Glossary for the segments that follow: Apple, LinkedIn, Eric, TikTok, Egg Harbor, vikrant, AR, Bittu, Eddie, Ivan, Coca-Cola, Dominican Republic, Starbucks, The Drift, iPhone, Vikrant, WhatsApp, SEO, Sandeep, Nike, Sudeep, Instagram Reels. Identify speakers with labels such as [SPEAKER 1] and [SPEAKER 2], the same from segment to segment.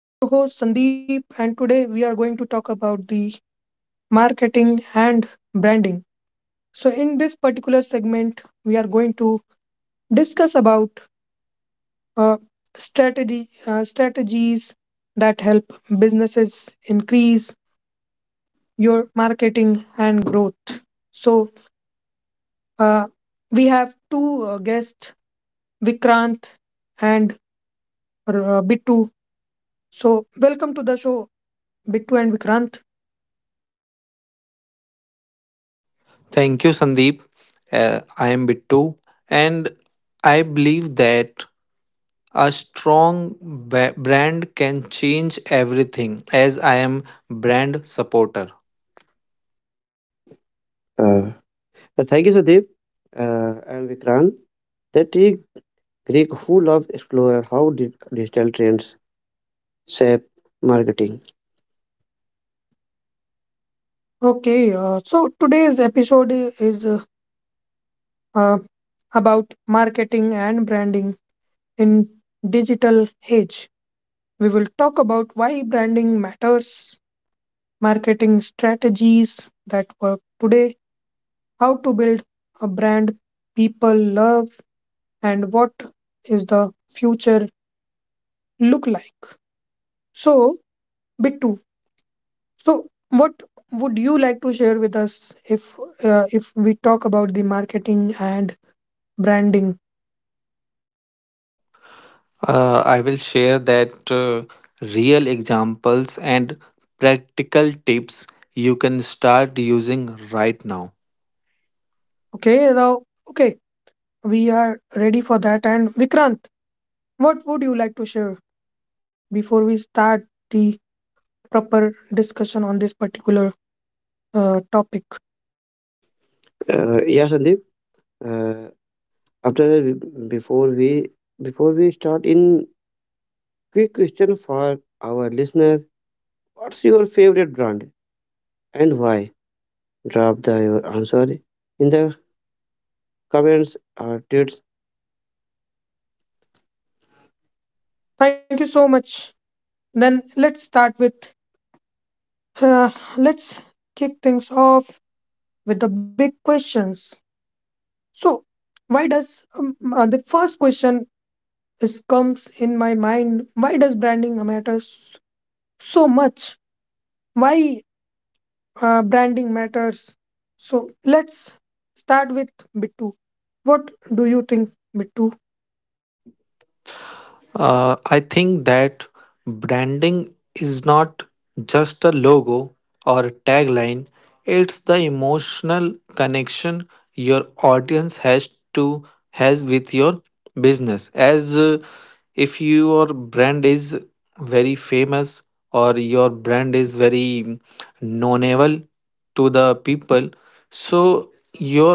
[SPEAKER 1] I'm your host, Sandeep, and today we are going to talk about the marketing and branding. So, in this particular segment, we are going to discuss about uh, strategy strategies that help businesses increase your marketing and growth. So, uh, we have two guests, Vikrant and Bittu. So, welcome to the show, Bittu and Vikrant.
[SPEAKER 2] Thank you, Sandeep. I am Bittu, and I believe that a strong brand can change everything. As I am brand supporter,
[SPEAKER 3] Uh, Thank you, Sudeep and Vikrant. That is Greek full of explorer how digital trends shape marketing.
[SPEAKER 1] Okay, so today's episode is uh, about marketing and branding in digital age. We will talk about why branding matters, marketing strategies that work today, how to build a brand people love, and what is the future look like. So, Bittu, so what would you like to share with us if we talk about the marketing and branding.
[SPEAKER 2] I will share that real examples and practical tips you can start using right now.
[SPEAKER 1] Okay, now, okay, we are ready for that. And Vikrant, what would you like to share before we start the proper discussion on this particular topic?
[SPEAKER 3] Yeah, Sandeep. Uh, after before we before we start in quick question for our listener: What's your favorite brand and why? Drop the your answer in the comments or tweets.
[SPEAKER 1] Thank you so much. Then uh, let's kick things off with the big questions. So, why does the first question is comes in my mind? Why does branding matters so much? Why branding matters. So let's start with Bittu. What do you think, Bittu?
[SPEAKER 2] I think that branding is not just a logo or a tagline, it's the emotional connection your audience has with your business. As If your brand is very famous or your brand is very knowable to the people, so your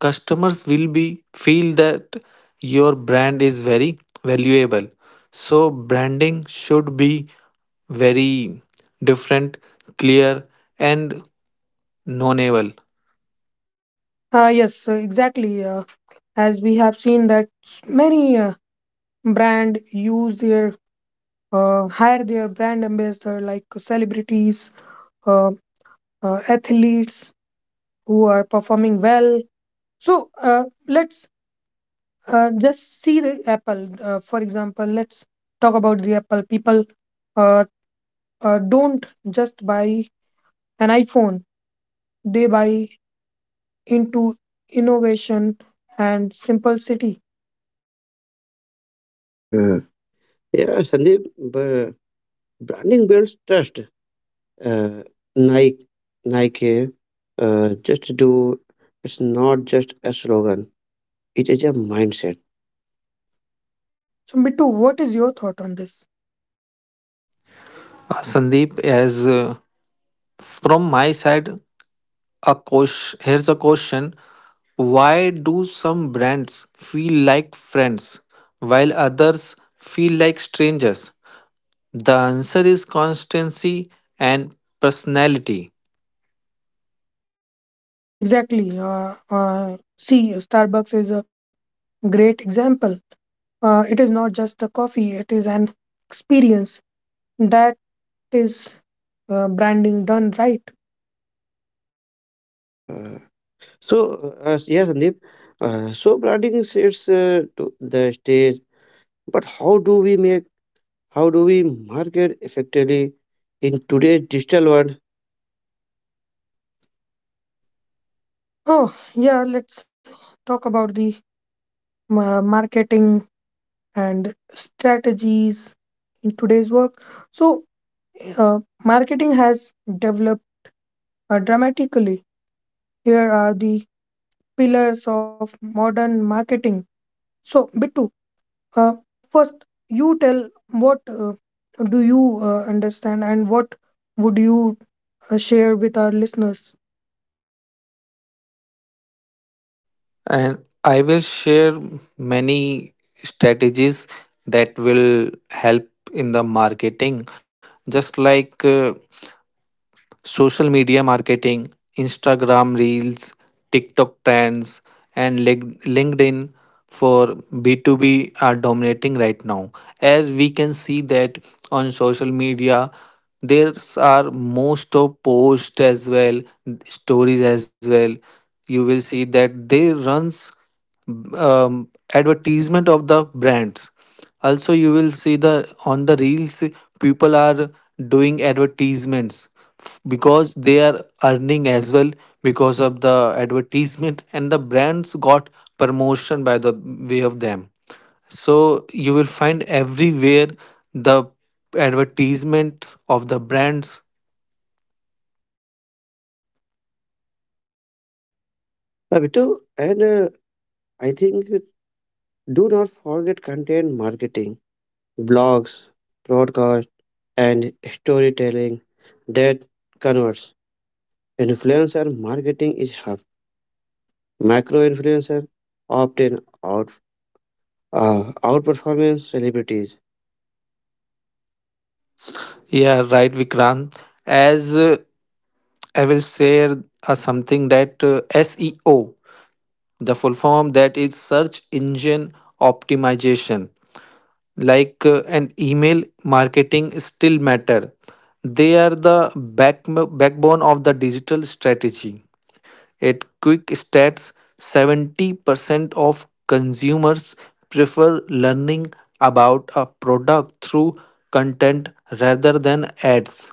[SPEAKER 2] customers will be feel that your brand is very valuable, so branding should be very different, clear, and knowable.
[SPEAKER 1] Yes, exactly. As we have seen that many brand use their hire their brand ambassador like celebrities, uh, athletes who are performing well. So let's just see the Apple. For example, let's talk about the Apple. People uh, don't just buy an iPhone they buy into innovation and simplicity.
[SPEAKER 3] Uh, yeah, Sandeep. But branding builds trust. uh, Nike, Nike just do it's not just a slogan, it is a mindset.
[SPEAKER 1] So, Bittu, what is your thought on this?
[SPEAKER 2] Sandeep, as from my side, here's a question. Why do some brands feel like friends while others feel like strangers? The answer is constancy and personality.
[SPEAKER 1] Exactly. See, Starbucks is a great example. It is not just a coffee, it is an experience that is branding done right.
[SPEAKER 3] Uh, so, yeah, Sandeep, so branding sits to the stage, but how do we market effectively in today's digital world?
[SPEAKER 1] Oh, yeah, let's talk about the marketing and strategies in today's work. So, marketing has developed dramatically here are the pillars of modern marketing. So, Bittu, uh, first you tell what do you understand and what would you share with our listeners?
[SPEAKER 2] And I will share many strategies that will help in the marketing. Just like, social media marketing, Instagram Reels, TikTok trends, and LinkedIn for B2B are dominating right now. As we can see that on social media, there are most of posts as well, stories as well. You will see that they runs um, advertisement of the brands. Also you will see the on the reels people are doing advertisements because they are earning as well because of the advertisement, and the brands got promotion by the way of them, so you will find everywhere the advertisements of the brands.
[SPEAKER 3] Babitu, and I think do not forget content marketing, blogs, broadcast, and storytelling that converts. Influencer marketing is hard. Macro influencer often out outperformance celebrities.
[SPEAKER 2] Yeah, right, Vikrant. As I will share something that, SEO, the full form of that is search engine optimization, like, an email marketing still matter. They are the backbone of the digital strategy. At quick stats, 70% of consumers prefer learning about a product through content rather than ads.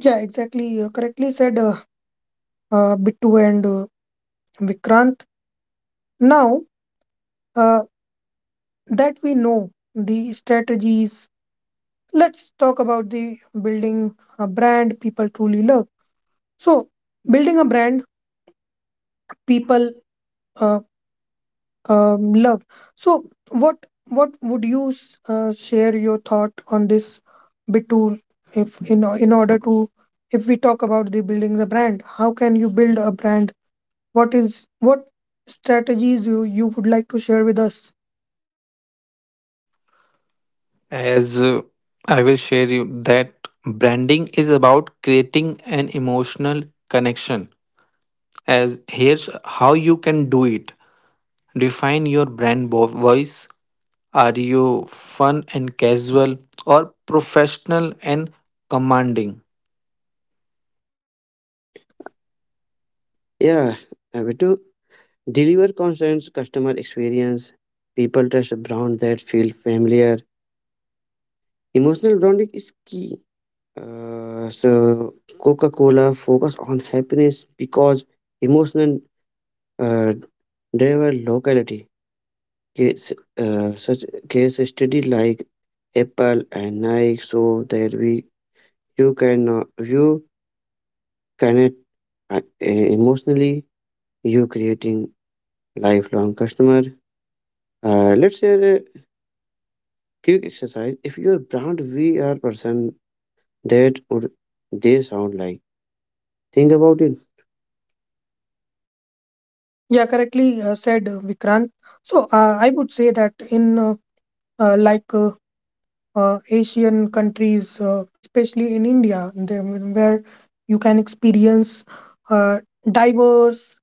[SPEAKER 1] Yeah, exactly. Correctly said, Bittu and Vikrant. Now uh, that we know the strategies, let's talk about the building a brand people truly love. So, building a brand people uh, love. So, what would you share your thought on this Bitul? If in order to, if we talk about the building the brand, how can you build a brand? What is what strategies you would like to share with us?
[SPEAKER 2] As I will share you that branding is about creating an emotional connection. As here's how you can do it. Define your brand voice. Are you fun and casual or professional and commanding?
[SPEAKER 3] Yeah, we do deliver constant customer experience, people trust a brand that feel familiar. Emotional branding is key. So Coca-Cola focus on happiness because emotional uh, driver locality. Case, such case study like Apple and Nike show that we you can you connect emotionally you creating lifelong customer. Let's share a quick exercise: if your brand vr person, that would they sound like? Think about it.
[SPEAKER 1] Yeah, correctly said Vikrant. So, I would say that in like Asian countries, especially in India, they, where you can experience uh, diverse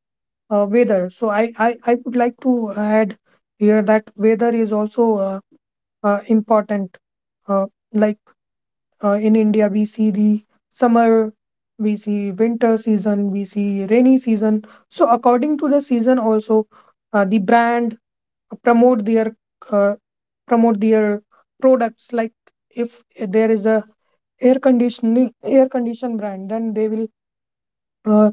[SPEAKER 1] weather. So I would like to add here that weather is also important. Uh, like in India, we see the summer, we see winter season, we see rainy season. So according to the season, also the brand promote their uh, promote their products. Like if there is a air condition brand, then uh,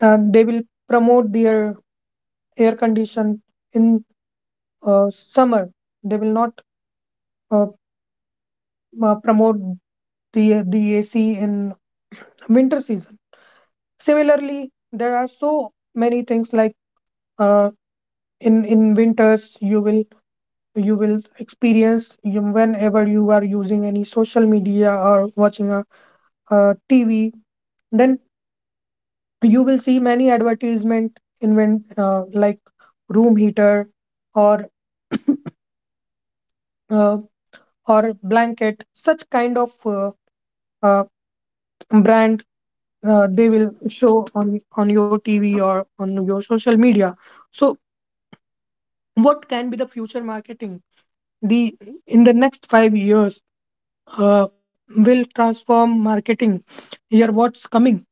[SPEAKER 1] they will promote their air condition in summer. They will not uh, promote the AC in winter season. Similarly, there are so many things like uh, in winters you will experience you, whenever you are using any social media or watching a TV. Then you will see many advertisement in when like room heater or uh, or blanket such kind of uh, brand they will show on your TV or on your social media. So what can be the future marketing? The in the next 5 years uh, will transform marketing. Here what's coming.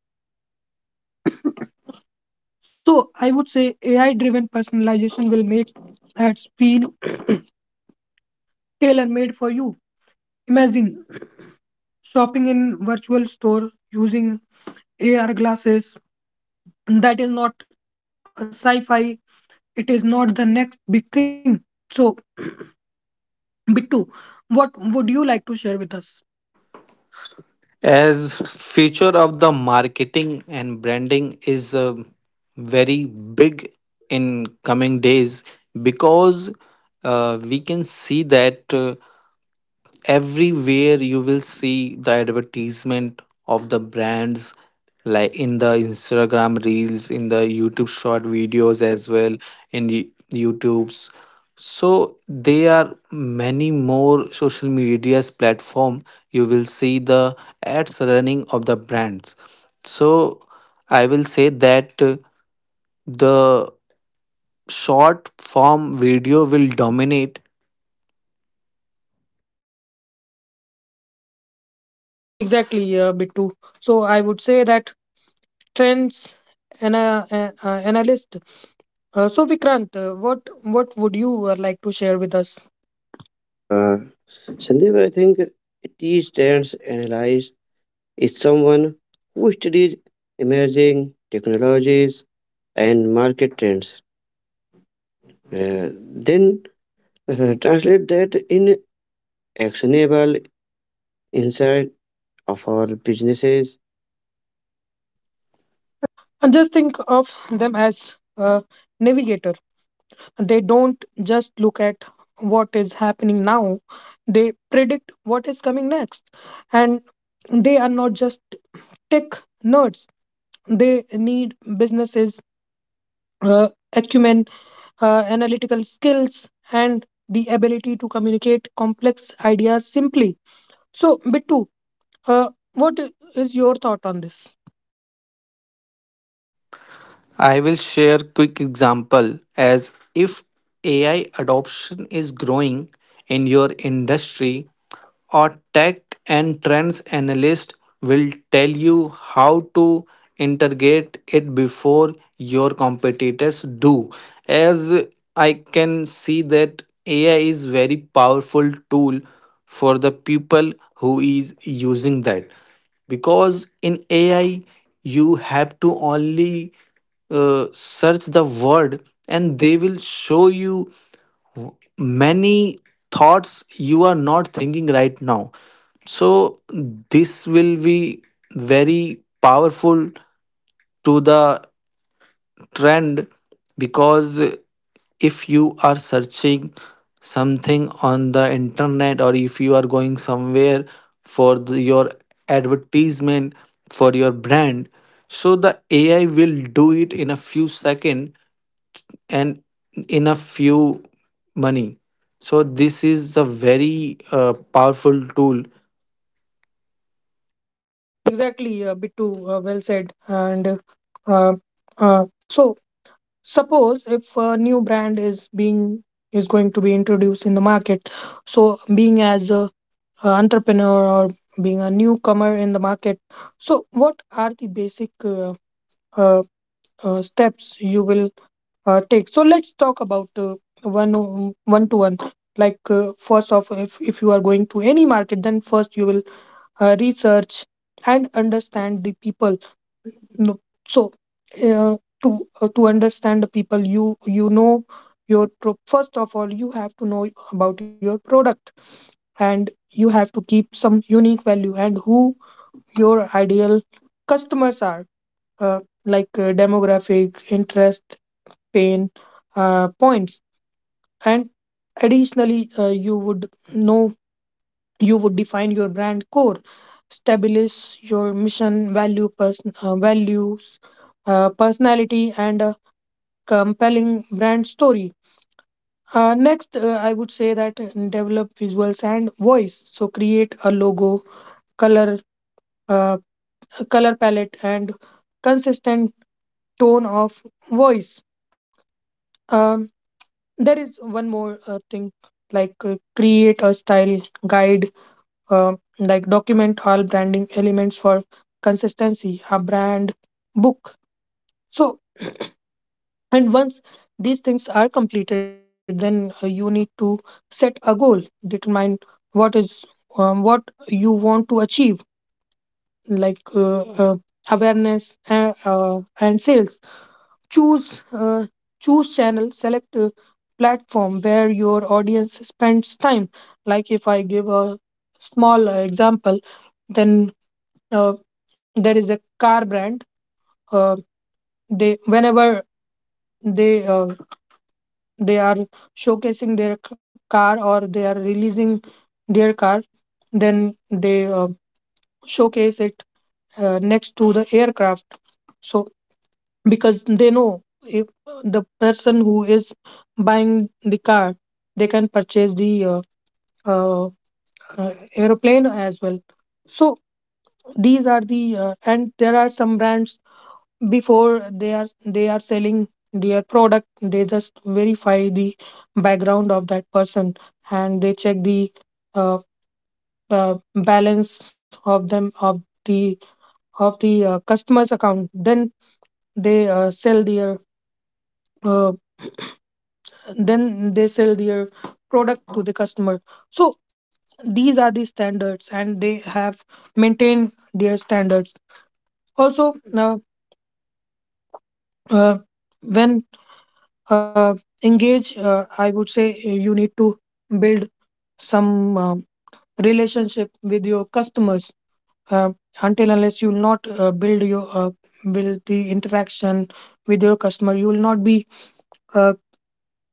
[SPEAKER 1] So I would say AI driven personalization will make ads feel tailor made for you. Imagine shopping in virtual store using AR glasses. That is not a sci-fi. It is not the next big thing. So Bittu, what would you like to share with us?
[SPEAKER 2] As future of the marketing and branding is very big in coming days, because we can see that, everywhere you will see the advertisement of the brands, like in the Instagram reels, in the YouTube short videos as well, in the YouTube's. So there are many more social medias platform, you will see the ads running of the brands. So I will say that, the short form video will dominate.
[SPEAKER 1] Exactly, Bittu. So I would say that trends analyst. So Vikrant, what would you like to share with us?
[SPEAKER 3] uh, Sandeep, I think t stands analyze is someone who studies emerging technologies and market trends. Uh, then translate that in actionable insight of our businesses.
[SPEAKER 1] And just think of them as a navigator. They don't just look at what is happening now; they predict what is coming next, and they are not just tech nerds. They need businesses acumen, analytical skills, and the ability to communicate complex ideas simply. So, Bittu, uh, what is your thought on this?
[SPEAKER 2] I will share quick example, as if AI adoption is growing in your industry, a tech and trends analyst will tell you how to integrate it before your competitors do. As I can see that AI is very powerful tool for the people who is using that, because in AI you have to only search the word and they will show you many thoughts you are not thinking right now. So this will be very powerful to the trend, because if you are searching something on the internet or if you are going somewhere for the, your advertisement for your brand, so the AI will do it in a few seconds and enough few money. So this is a very powerful tool.
[SPEAKER 1] Exactly, Bittu, well said. And uh, uh, so, suppose if a new brand is being is going to be introduced in the market, so being as a entrepreneur or being a newcomer in the market, so what are the basic uh, steps you will take. So let's talk about one one to one. Like first off, if you are going to any market, then first you will research and understand the people. No- So uh, to to understand the people, you you know first of all you have to know about your product and you have to keep some unique value and who your ideal customers are uh, like demographic interest pain points and additionally you would know you would define your brand core establish your mission value person values personality and a compelling brand story next I would say that develop visuals and voice so create a logo color uh, color palette and consistent tone of voice um, there is one more thing like create a style guide uh, like document all branding elements for consistency, a brand book. So, and once these things are completed, then you need to set a goal, determine what is what you want to achieve, like awareness and sales. Choose choose channel, select a platform where your audience spends time. Like if I give a small example, then uh, there is a car brand uh, they whenever they uh, they are showcasing their car or they are releasing their car then they showcase it next to the aircraft so because they know if the person who is buying the car they can purchase the uh, uh, aeroplane as well so these are the and there are some brands before they are selling their product they just verify the background of that person and they check the uh, balance of them of the customer's account then they sell their uh, then they sell their product to the customer so these are the standards and they have maintained their standards also now uh, when uh, engage, I would say you need to build some relationship with your customers. Uh, until unless you will not build the interaction with your customer, you will not be uh,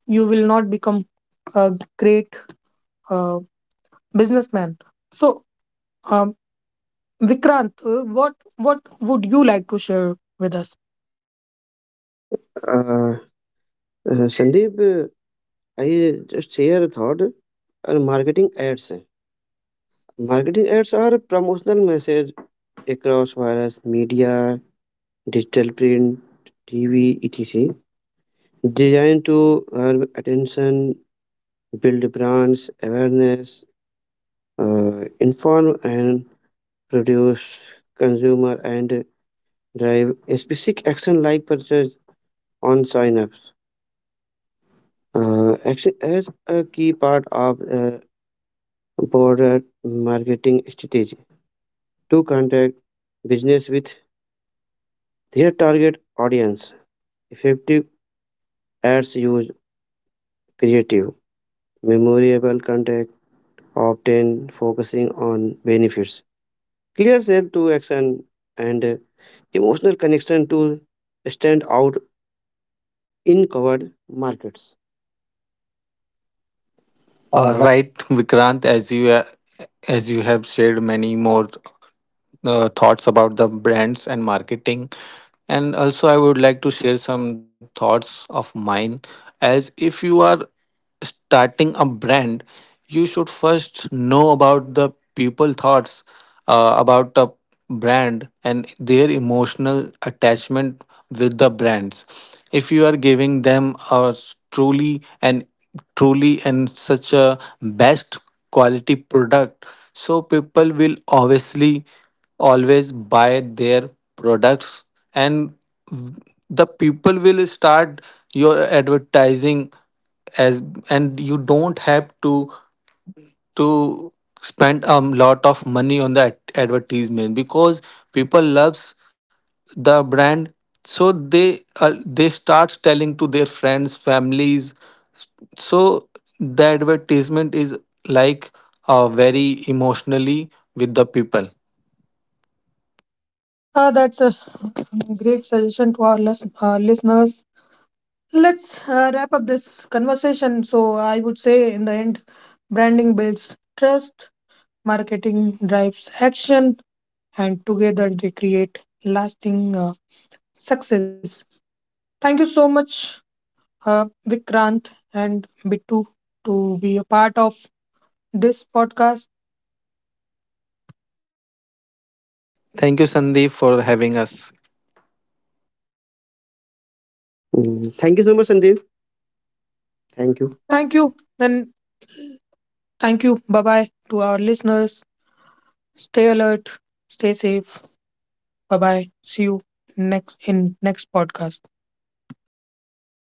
[SPEAKER 1] you will not become a great uh, businessman. So, um, Vikrant, what would you like to share with us?
[SPEAKER 3] Uh, Sandeep, I just share a thought. Our marketing ads. Marketing ads are promotional message across various media, digital print, TV, etc. Designed to grab attention, build brands awareness, inform and produce consumer and drive a specific action like purchase on sign-ups. Action as a key part of broader marketing strategy to contact business with their target audience. Effective ads use creative, memorable contact, often focusing on benefits, clear sale to action, and emotional connection to stand out in covered markets. Uh,
[SPEAKER 2] right, Vikrant, as you have shared many more thoughts about the brands and marketing, and also I would like to share some thoughts of mine. As if you are starting a brand, you should first know about the people thoughts, about the brand and their emotional attachment with the brands. If you are giving them a truly and truly and such a best quality product, so people will obviously always buy their products, and the people will start your advertising as, and you don't have to spend a lot of money on the advertisement, because people loves the brand, so they start telling to their friends families. So the advertisement is like very emotionally with the people.
[SPEAKER 1] That's a great suggestion to our listeners. Let's wrap up this conversation. So, I would say in the end, branding builds trust, marketing drives action, and together they create lasting success. Thank you so much, Vikrant and Bittu, to be a part of this podcast.
[SPEAKER 2] Thank you, Sandeep, for having us.
[SPEAKER 3] Mm, thank you so much, Sandeep. Thank you.
[SPEAKER 1] Thank you, Then thank you. Bye bye to our listeners. Stay alert, stay safe. Bye bye. See you next in next podcast.